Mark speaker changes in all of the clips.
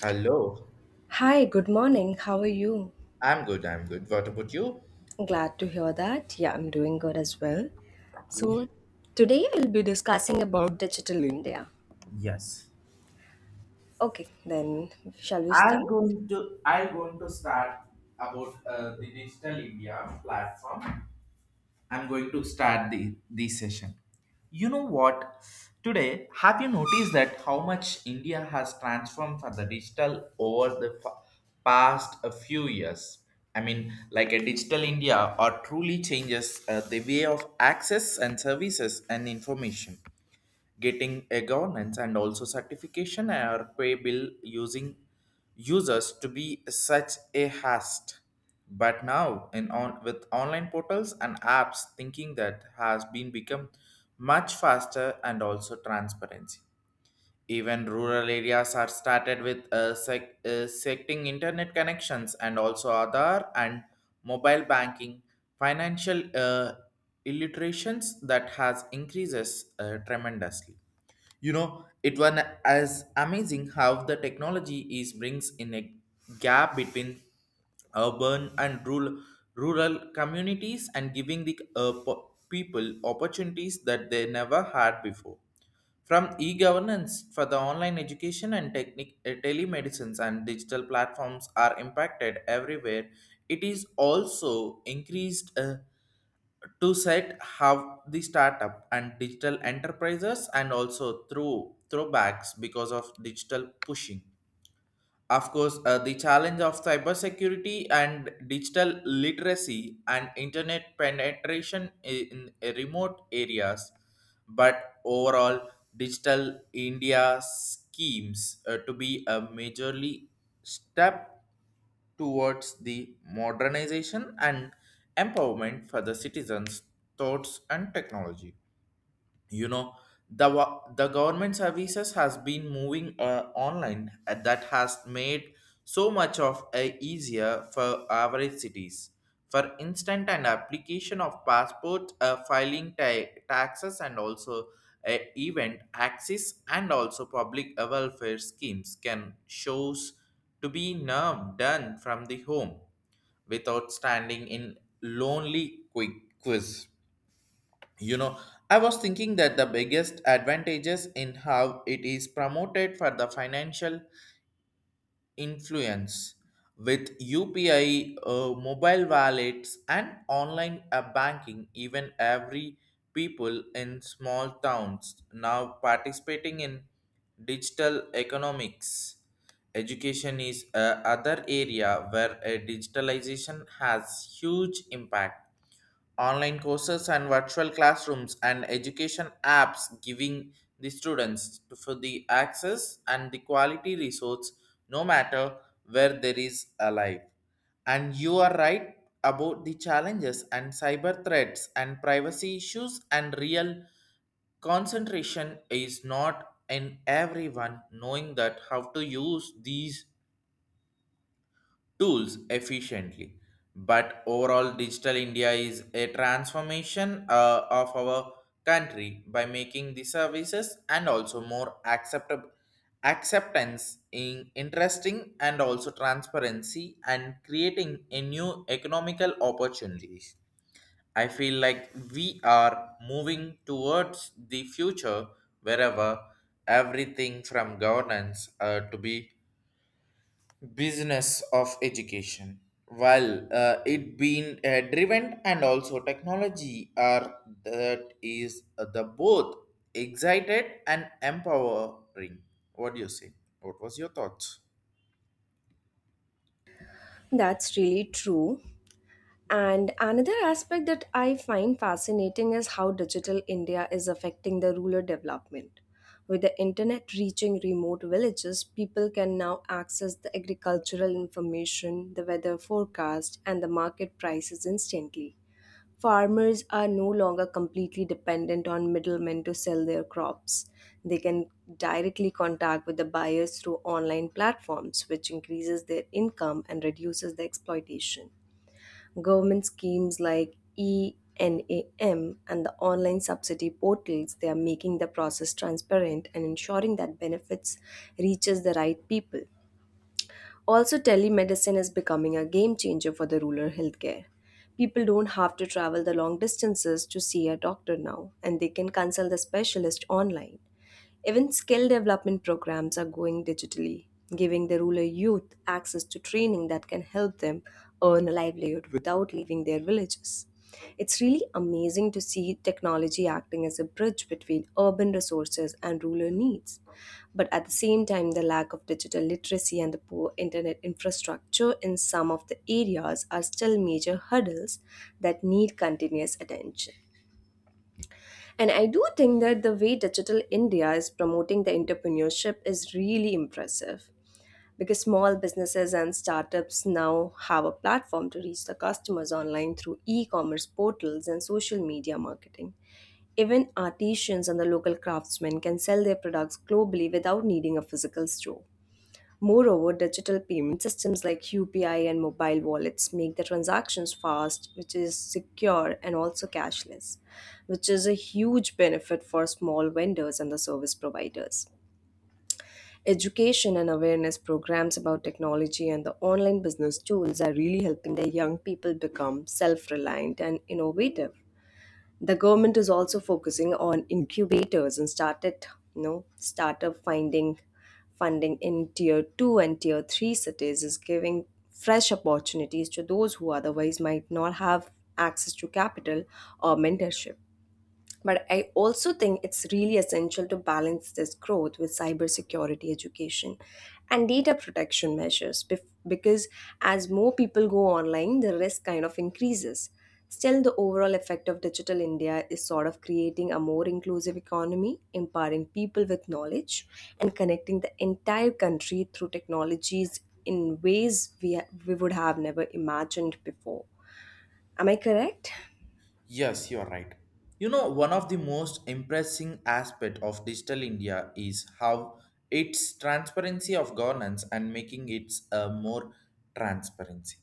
Speaker 1: Hello.
Speaker 2: Hi, good morning. How are you?
Speaker 1: I'm good. What about you?
Speaker 2: Glad to hear that. Yeah, I'm doing good as well.
Speaker 1: Okay.
Speaker 2: So, today I'll be discussing about digital India.
Speaker 1: Yes.
Speaker 2: Okay, then shall we start?
Speaker 1: I'm going to start about the Digital India platform. I'm going to start the this session. You know what? Today, have you noticed that how much India has transformed for the digital over the past a few years? I mean, like a digital India, or truly changes the way of access and services and information. Getting a governance and also certification or pay bill using users to be such a hast. But now in on with online portals and apps thinking that has been become much faster and also transparency. Even rural areas are started with secting internet connections and also Aadhaar and mobile banking. Financial illiterations that has increases tremendously. You know, it was as amazing how the technology is brings in a gap between urban and rural rural communities and giving the people opportunities that they never had before, from e-governance for the online education and telemedicines and digital platforms are impacted everywhere. It is also increased to set how the startup and digital enterprises and also through throwbacks because of digital pushing. Of course, the challenge of cybersecurity and digital literacy and internet penetration in remote areas, but overall, digital India schemes to be a majorly step towards the modernization and empowerment for the citizens' thoughts and technology. You know, the the government services has been moving online and that has made so much of a easier for average cities. For instance, an application of passport filing taxes and also event access and also public welfare schemes can shows to be now done from the home without standing in lonely quick quiz. You know, I was thinking that the biggest advantages in how it is promoted for the financial influence with UPI, mobile wallets, and online banking, even every people in small towns now participating in digital economics. Education is other area where digitalization has huge impact. Online courses and virtual classrooms and education apps giving the students for the access and the quality resource, no matter where there is a life. And you are right about the challenges and cyber threats and privacy issues and real concentration is not in everyone knowing that how to use these tools efficiently. But overall, Digital India is a transformation of our country by making the services and also more acceptable acceptance in interesting and also transparency and creating a new economical opportunities. I feel like we are moving towards the future, wherever everything from governance to be business of education, well it being driven and also technology are, that is the both excited and empowering. What do you say? What was your thoughts?
Speaker 2: That's really true. And another aspect that I find fascinating is how digital India is affecting the rural development. With the internet reaching remote villages, people can now access the agricultural information, the weather forecast, and the market prices instantly. Farmers are no longer completely dependent on middlemen to sell their crops. They can directly contact with the buyers through online platforms, which increases their income and reduces the exploitation. Government schemes like ENAM and the online subsidy portals, they are making the process transparent and ensuring that benefits reaches the right people. Also, telemedicine is becoming a game changer for the rural healthcare. People don't have to travel the long distances to see a doctor now, and they can consult the specialist online. Even skill development programs are going digitally, giving the rural youth access to training that can help them earn a livelihood without leaving their villages. It's really amazing to see technology acting as a bridge between urban resources and rural needs. But at the same time, the lack of digital literacy and the poor internet infrastructure in some of the areas are still major hurdles that need continuous attention. And I do think that the way Digital India is promoting the entrepreneurship is really impressive because small businesses and startups now have a platform to reach the customers online through e commerce portals and social media marketing. Even artisans and the local craftsmen can sell their products globally without needing a physical store. Moreover, digital payment systems like UPI and mobile wallets make the transactions fast, which is secure and also cashless, which is a huge benefit for small vendors and the service providers. Education and awareness programs about technology and the online business tools are really helping the young people become self reliant and innovative. The government is also focusing on incubators and started, you know, startup finding funding in tier two and tier three cities is giving fresh opportunities to those who otherwise might not have access to capital or mentorship. But I also think it's really essential to balance this growth with cybersecurity education and data protection measures because as more people go online, the risk kind of increases. Still, the overall effect of Digital India is sort of creating a more inclusive economy, empowering people with knowledge, and connecting the entire country through technologies in ways we would have never imagined before. Am I correct?
Speaker 1: Yes, you are right. You know, one of the most impressing aspect of digital India is how its transparency of governance and making it a more transparency.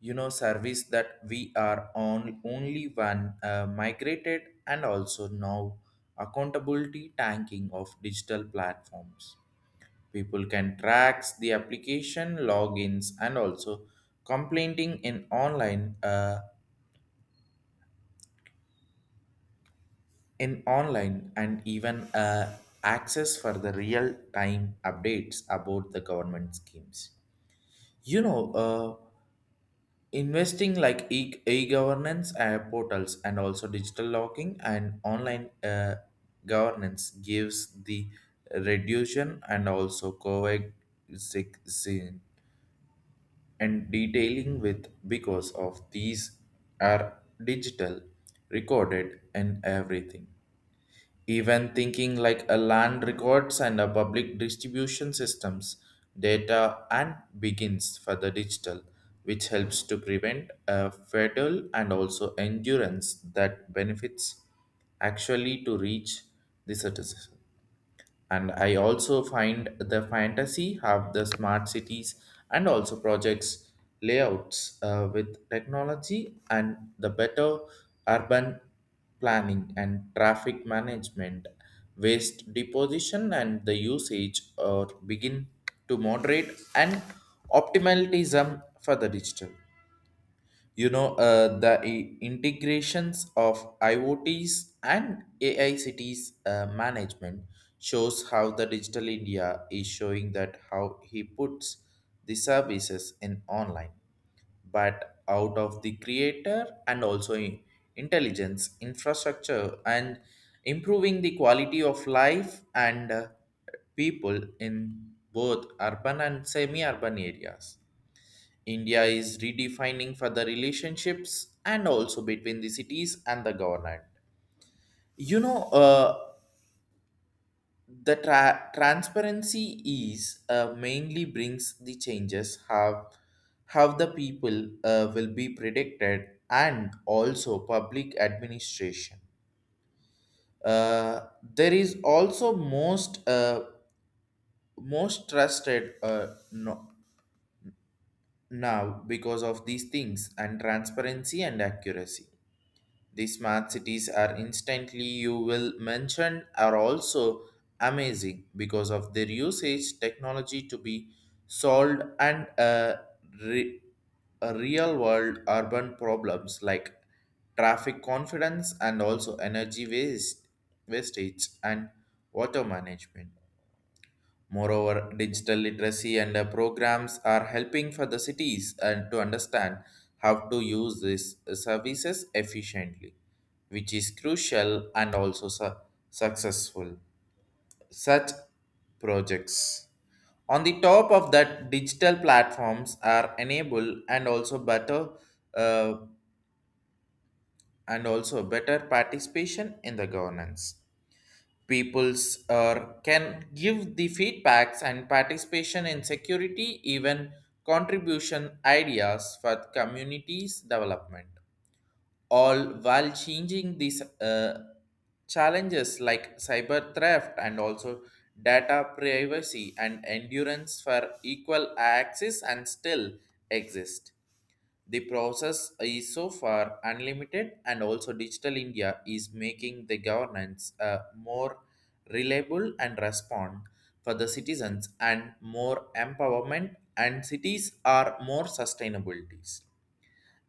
Speaker 1: You know, service that we are on only one migrated and also now accountability tanking of digital platforms. People can track the application logins and also complaining in online in online and even access for the real time updates about the government schemes. You know, uh, investing like e-governance portals and also digital locking and online governance gives the reduction and also coexistence and detailing with because of these are digital recorded and everything. Even thinking like a land records and a public distribution systems data and begins for the digital, which helps to prevent a fatal and also endurance that benefits actually to reach the citizen. And I also find the fantasy have the smart cities and also projects layouts with technology and the better urban planning and traffic management, waste deposition and the usage or begin to moderate and optimalism for the digital. You know, the integrations of IoTs and AI cities management shows how the digital India is showing that how he puts the services in online, but out of the creator and also intelligence infrastructure and improving the quality of life and people in both urban and semi urban areas. India is redefining for the relationships and also between the cities and the government. You know, the transparency is mainly brings the changes have how the people will be predicted and also public administration. There is also most most trusted no, now because of these things and transparency and accuracy. The smart cities are instantly you will mention are also amazing because of their usage technology to be solved and re- real world urban problems like traffic confidence and also energy waste wastage and water management. Moreover, digital literacy and programs are helping for the cities and to understand how to use these services efficiently, which is crucial and also successful. Such projects. On the top of that, digital platforms are enable and also uh, better participation in the governance. Peoples can give the feedbacks and participation in security, even contribution ideas for communities development, all while changing these challenges like cyber theft and also data privacy and endurance for equal access and still exist. The process is so far unlimited, and also Digital India is making the governance more reliable and respond for the citizens and more empowerment and cities are more sustainabilities.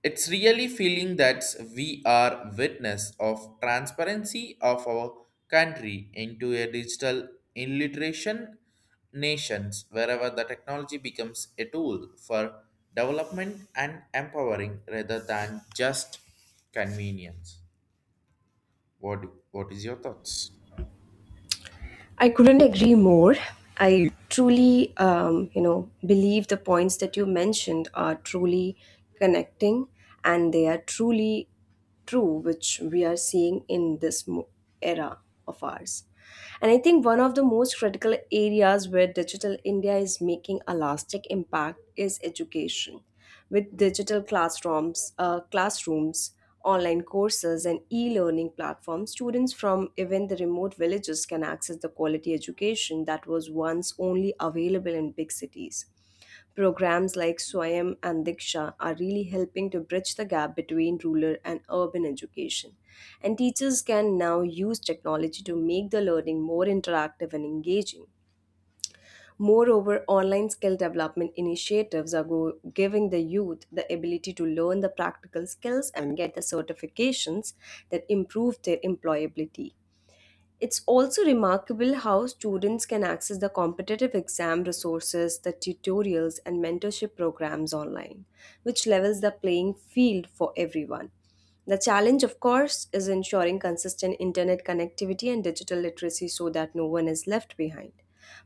Speaker 1: It's really feeling that we are witness of transparency of our country into a digital illiteration nations wherever the technology becomes a tool for development and empowering rather than just convenience. What is your thoughts?
Speaker 2: I couldn't agree more. I truly believe the points that you mentioned are truly connecting and they are truly true, which we are seeing in this era of ours. And I think one of the most critical areas where Digital India is making a lasting impact is education. With digital classrooms, online courses, and e-learning platforms, students from even the remote villages can access the quality education that was once only available in big cities. Programs like Swayam and Diksha are really helping to bridge the gap between rural and urban education. And teachers can now use technology to make the learning more interactive and engaging. Moreover, online skill development initiatives are giving the youth the ability to learn the practical skills and get the certifications that improve their employability. It's also remarkable how students can access the competitive exam resources, the tutorials, and mentorship programs online, which levels the playing field for everyone. The challenge, of course, is ensuring consistent internet connectivity and digital literacy so that no one is left behind.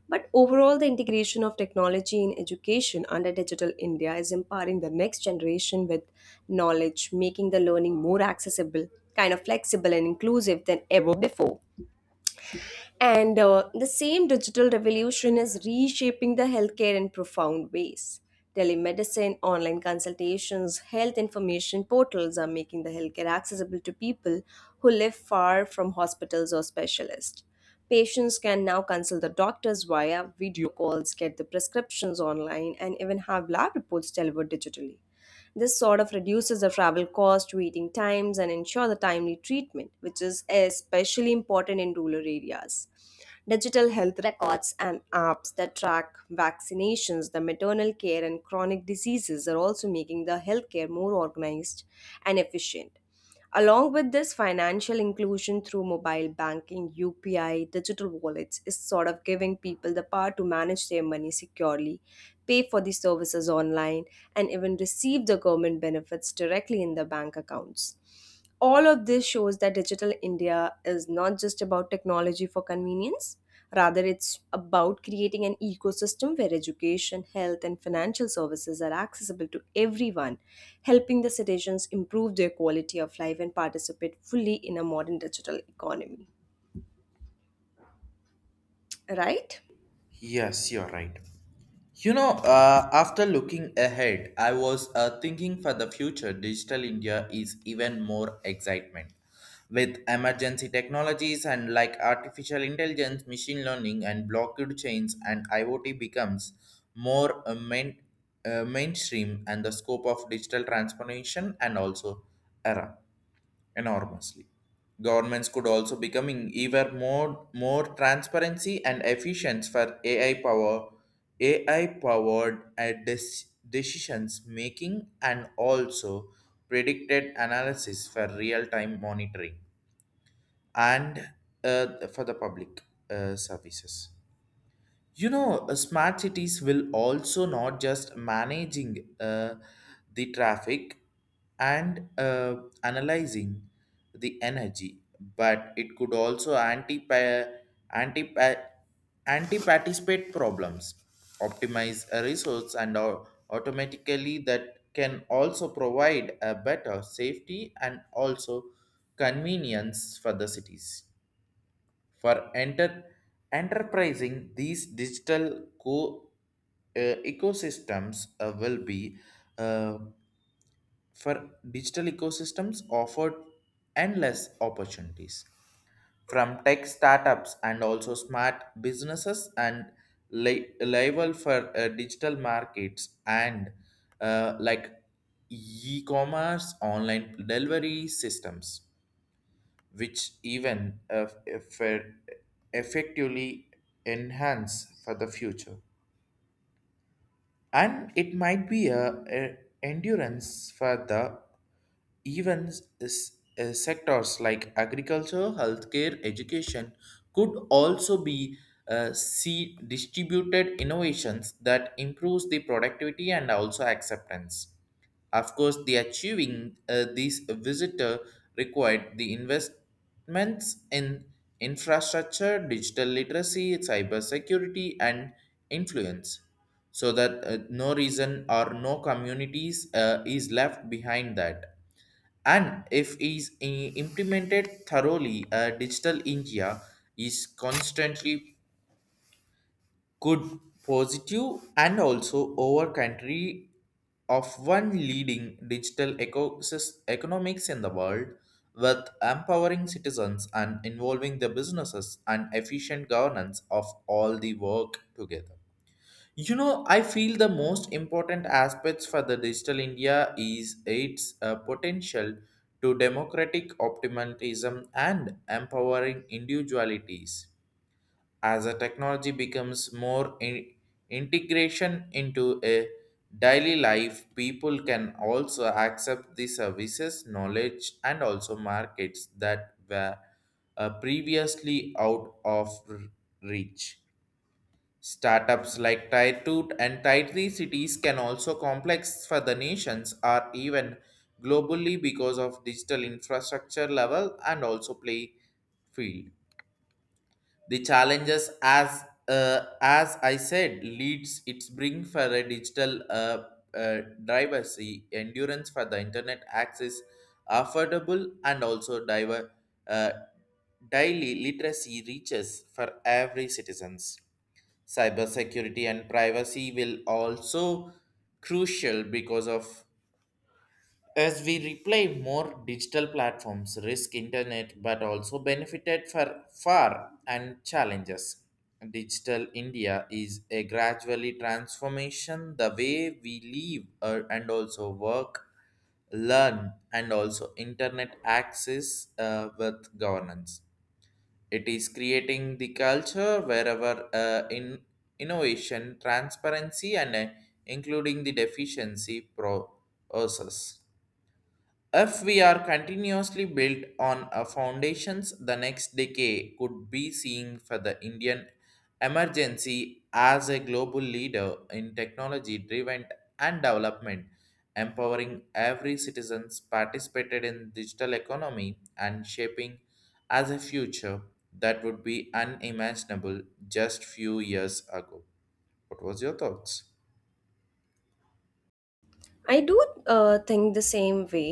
Speaker 2: But overall, the integration of technology in education under Digital India is empowering the next generation with knowledge, making the learning more accessible, kind of flexible, and inclusive than ever before. And the same digital revolution is reshaping the healthcare in profound ways. Telemedicine, online consultations, health information portals are making the healthcare accessible to people who live far from hospitals or specialists. Patients can now consult the doctors via video calls, get the prescriptions online, and even have lab reports delivered digitally. This sort of reduces the travel cost, waiting times, and ensure the timely treatment, which is especially important in rural areas. Digital health records and apps that track vaccinations, the maternal care, and chronic diseases are also making the healthcare more organized and efficient. Along with this, financial inclusion through mobile banking, UPI, digital wallets is sort of giving people the power to manage their money securely, pay for the services online, and even receive the government benefits directly in their bank accounts. All of this shows that digital india is not just about technology for convenience, rather it's about creating an ecosystem where education health and financial services are accessible to everyone, helping the citizens improve their quality of life and participate fully in a modern digital economy. Right.
Speaker 1: Yes, you're right. You know, after looking ahead, I was thinking for the future, digital India is even more excitement. With emergency technologies and like artificial intelligence, machine learning, and blockchain chains, and IoT becomes more mainstream, and the scope of digital transformation and also era enormously. Governments could also becoming even more transparency and efficient for AI powered at decisions making and also predicted analysis for real time monitoring and for the public services. You know, smart cities will also not just managing the traffic and analyzing the energy, but it could also anti anti participate problems, optimize a resource, and automatically that can also provide a better safety and also convenience for the cities. For enter, Enterprising, these digital co uh, ecosystems will be uh, for digital ecosystems offered endless opportunities from tech startups and also smart businesses and liable for digital markets and like e-commerce online delivery systems which even if effectively enhance for the future. And it might be a endurance for the even sectors like agriculture, healthcare, education could also be see distributed innovations that improves the productivity and also acceptance. Of course, the achieving these visitor required the investments in infrastructure, digital literacy, cybersecurity, and influence, so that no reason or no communities is left behind that. And if is implemented thoroughly, Digital India is constantly good positive and also over country of one leading digital economics in the world with empowering citizens and involving the businesses and efficient governance of all the work together. You know, I feel the most important aspects for the digital India is its potential to democratic optimism and empowering individualities. As a technology becomes more integration into a daily life, people can also accept the services knowledge and also markets that were previously out of reach. Startups like tier 2 and tier 3 cities can also complex for the nations or even globally because of digital infrastructure level and also play field. The challenges as I said leads its bring for a digital diversity endurance for the internet access affordable and also diver uh, daily literacy reaches for every citizens. Cybersecurity and privacy will also crucial because of as we replay more digital platforms, risk internet, but also benefited for far and challenges. Digital India is a gradually transformation the way we live and also work, learn, and also internet access with governance. It is creating the culture wherever in innovation, transparency, and including the deficiency process. If we are continuously built on our foundations, the next decade could be seeing for the Indian emergency as a global leader in technology driven and development, empowering every citizen's participated in digital economy and shaping as a future that would be unimaginable just few years ago. What was your thoughts?
Speaker 2: I do think the same way.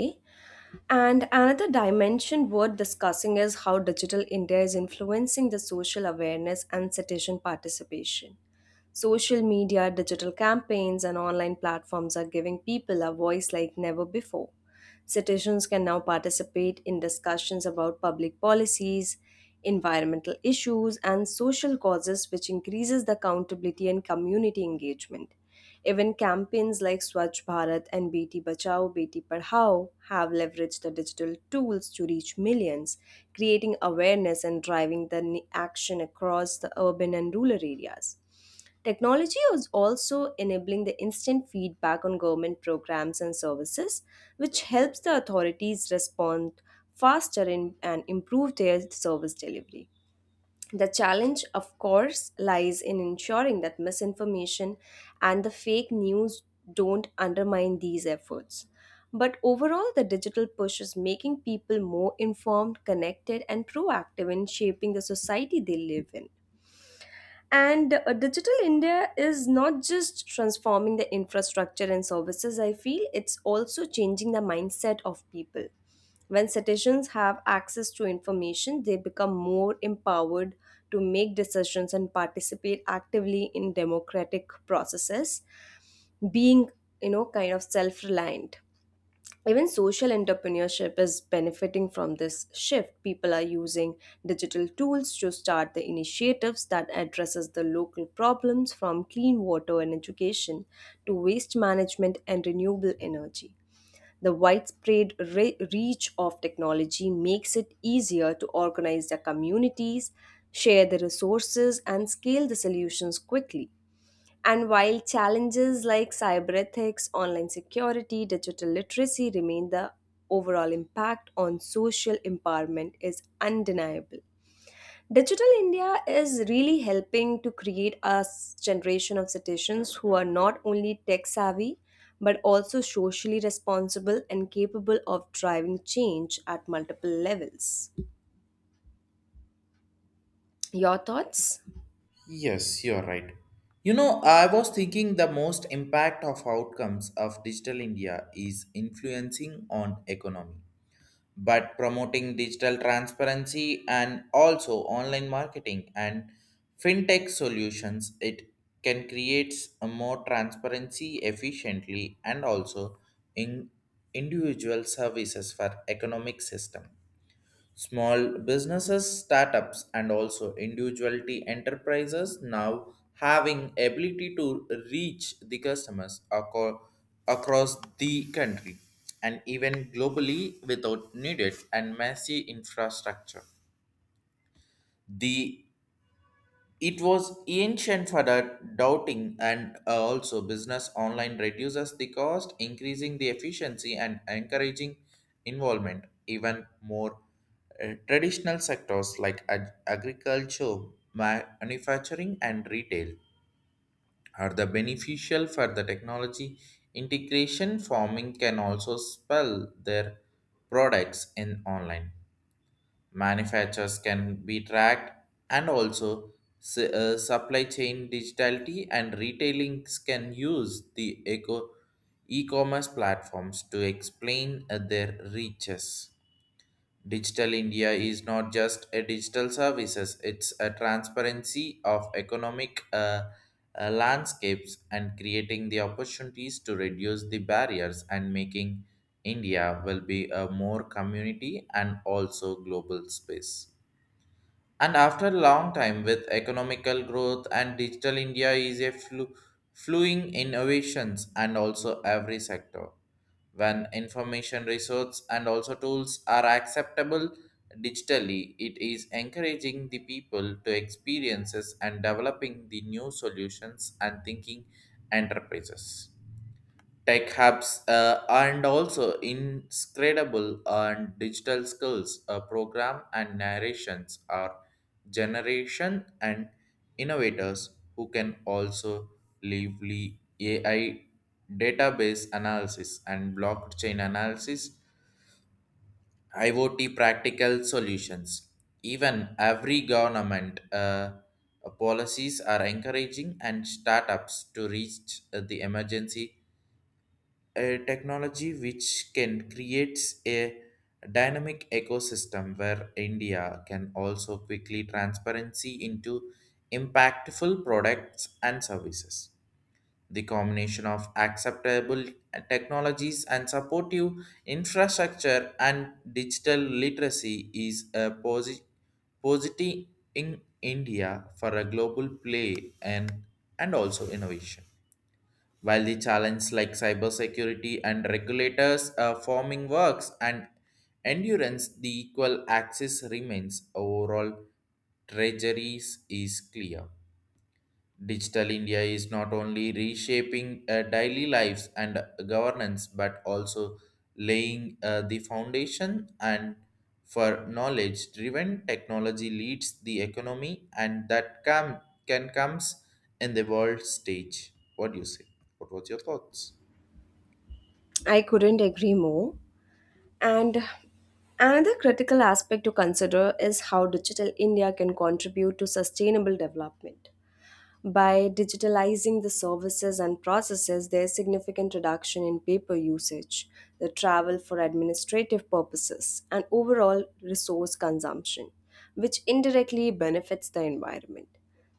Speaker 2: And another dimension worth discussing is how digital India is influencing the social awareness and citizen participation. Social media, digital campaigns, and online platforms are giving people a voice like never before. Citizens can now participate in discussions about public policies, environmental issues, and social causes, which increases the accountability and community engagement. Even campaigns like Swachh Bharat and Beti Bachao Beti Padhao have leveraged the digital tools to reach millions, creating awareness and driving the action across the urban and rural areas. Technology is also enabling the instant feedback on government programs and services, which helps the authorities respond faster in, and improve their service delivery. The challenge, of course, lies in ensuring that misinformation and the fake news don't undermine these efforts. But overall, the digital push is making people more informed, connected, and proactive in shaping the society they live in. And Digital India is not just transforming the infrastructure and services, I feel, it's also changing the mindset of people. When citizens have access to information, they become more empowered to make decisions and participate actively in democratic processes, being, kind of self reliant. Even social entrepreneurship is benefiting from this shift. People are using digital tools to start the initiatives that addresses the local problems from clean water and education to waste management and renewable energy. The widespread reach of technology makes it easier to organize their communities, share the resources, and scale the solutions quickly. And while challenges like cyberethics, online security, digital literacy remain, the overall impact on social empowerment is undeniable. Digital India is really helping to create a generation of citizens who are not only tech savvy but also socially responsible and capable of driving change at multiple levels. Your thoughts?
Speaker 1: Yes, you're right. You know, I was thinking the most impact of outcomes of digital India is influencing on economy, but promoting digital transparency and also online marketing and fintech solutions, it can create a more transparency efficiently and also in individual services for economic system. Small businesses, startups, and also individuality enterprises now having ability to reach the customers across the country and even globally without needed and massive infrastructure. The It was ancient for the doubting and also business online reduces the cost, increasing the efficiency and encouraging involvement. Even more traditional sectors like agriculture, manufacturing, and retail are the beneficial for the technology integration. Farming can also sell their products in online, manufacturers can be tracked and also supply chain digitality, and retailings can use the e-commerce platforms to explain their reaches. Digital India is not just a digital services, it's a transparency of economic landscapes and creating the opportunities to reduce the barriers and making India will be a more community and also global space. And after a long time with economical growth, and digital India is a flowing innovations and also every sector. When information resources and also tools are acceptable digitally, it is encouraging the people to experiences and developing the new solutions and thinking enterprises, tech hubs, and also incredible and digital skills program and narrations are generation and innovators who can also lively ai, database analysis and blockchain analysis, iot practical solutions. Even every government policies are encouraging and startups to reach the emergency, a technology which can creates a dynamic ecosystem where India can also quickly transparency into impactful products and services. The combination of acceptable technologies and supportive infrastructure and digital literacy is a positive in India for a global play and, also innovation. While the challenges like cybersecurity and regulators forming works and endurance, the equal access remains. Overall, treasuries is clear. Digital India is not only reshaping daily lives and governance, but also laying the foundation and for knowledge-driven technology leads the economy, and that comes in the world stage. What do you say? What was your thoughts?
Speaker 2: I couldn't agree more. And another critical aspect to consider is how digital India can contribute to sustainable development. By digitalizing the services and processes, there's significant reduction in paper usage, the travel for administrative purposes, and overall resource consumption, which indirectly benefits the environment.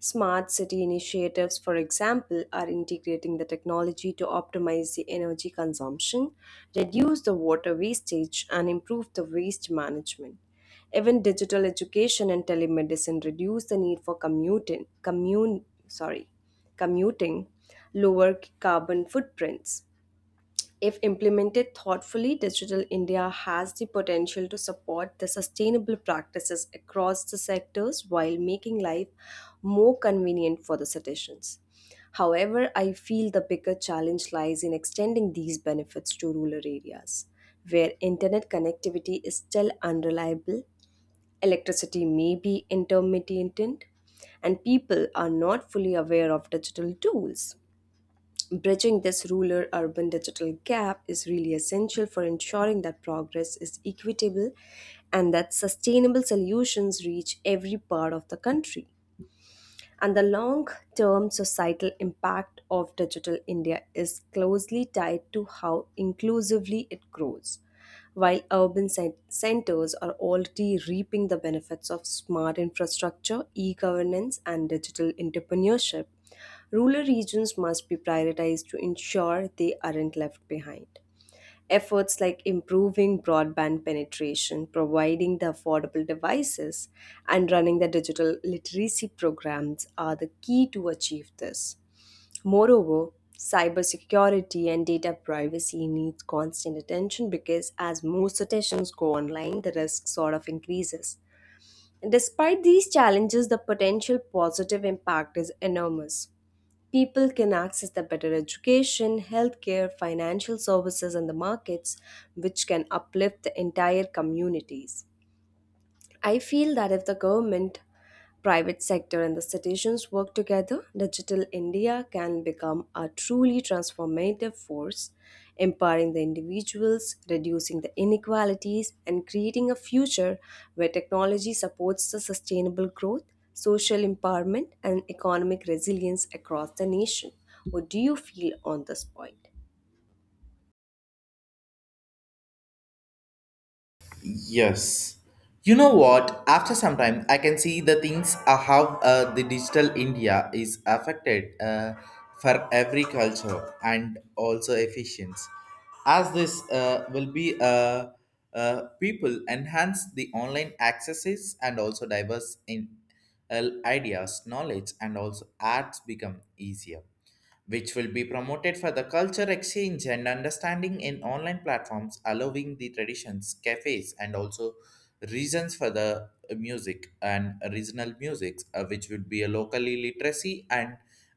Speaker 2: Smart city initiatives, for example, are integrating the technology to optimize the energy consumption, reduce the water wastage, and improve the waste management. Even digital education and telemedicine reduce the need for commuting, lower carbon footprints. If implemented thoughtfully, Digital India has the potential to support the sustainable practices across the sectors while making life more convenient for the citizens. However, I feel the bigger challenge lies in extending these benefits to rural areas, where internet connectivity is still unreliable, electricity may be intermittent, and people are not fully aware of digital tools. Bridging this rural urban digital gap is really essential for ensuring that progress is equitable and that sustainable solutions reach every part of the country, and the long term societal impact of Digital India is closely tied to how inclusively it grows. While urban centers are already reaping the benefits of smart infrastructure, e governance, and digital entrepreneurship, rural regions must be prioritized to ensure they aren't left behind. Efforts like improving broadband penetration, providing the affordable devices, and running the digital literacy programs are the key to achieve this. Moreover, cybersecurity and data privacy needs constant attention because as more sessions go online, the risk sort of increases. Despite these challenges, the potential positive impact is enormous. People can access the better education, healthcare, financial services, and the markets, which can uplift the entire communities. I feel that if the government, private sector, and the citizens work together, Digital India can become a truly transformative force, empowering the individuals, reducing the inequalities, and creating a future where technology supports the sustainable growth, social empowerment, and economic resilience across the nation. What do you feel on this point?
Speaker 1: Yes. You know what? After some time, I can see the things how the digital India is affected for every culture and also efficiency. As this will be people enhance the online accesses and also diverse in ideas, knowledge, and also arts become easier, which will be promoted for the culture exchange and understanding in online platforms, allowing the traditions, cafes, and also reasons for the music and regional musics, which would be a locally literacy and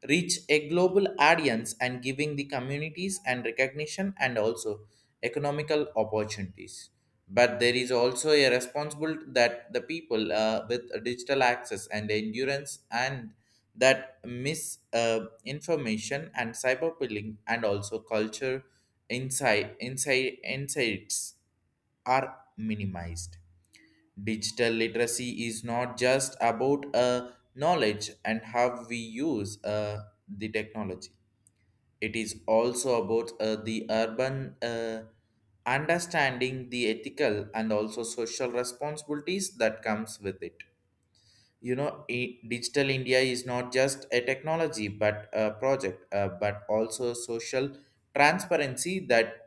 Speaker 1: reach a global audience and giving the communities and recognition and also economical opportunities. But there is also a responsible that the people with digital access and endurance, and that misinformation and cyberbullying and also culture insights are minimized. Digital literacy is not just about knowledge and how we use the technology. It is also about the urban understanding the ethical and also social responsibilities that comes with it, you know. Digital india is not just a technology but a project, but also social transparency that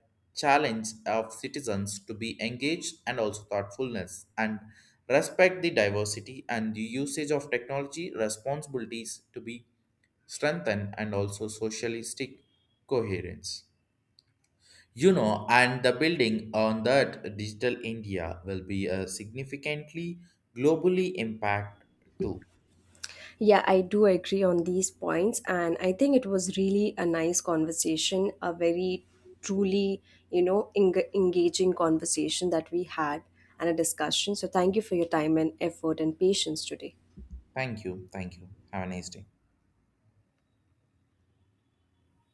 Speaker 1: challenge of citizens to be engaged and also thoughtfulness and respect the diversity, and the usage of technology responsibilities to be strengthened and also socialistic coherence, you know. And the building on that, digital india will be a significantly globally impact too.
Speaker 2: Yeah, I do agree on these points. And I think it was really a nice conversation, a very truly, you know, eng- engaging conversation that we had and a discussion. So thank you for your time and effort and patience today.
Speaker 1: Thank you. Thank you. Have a nice day.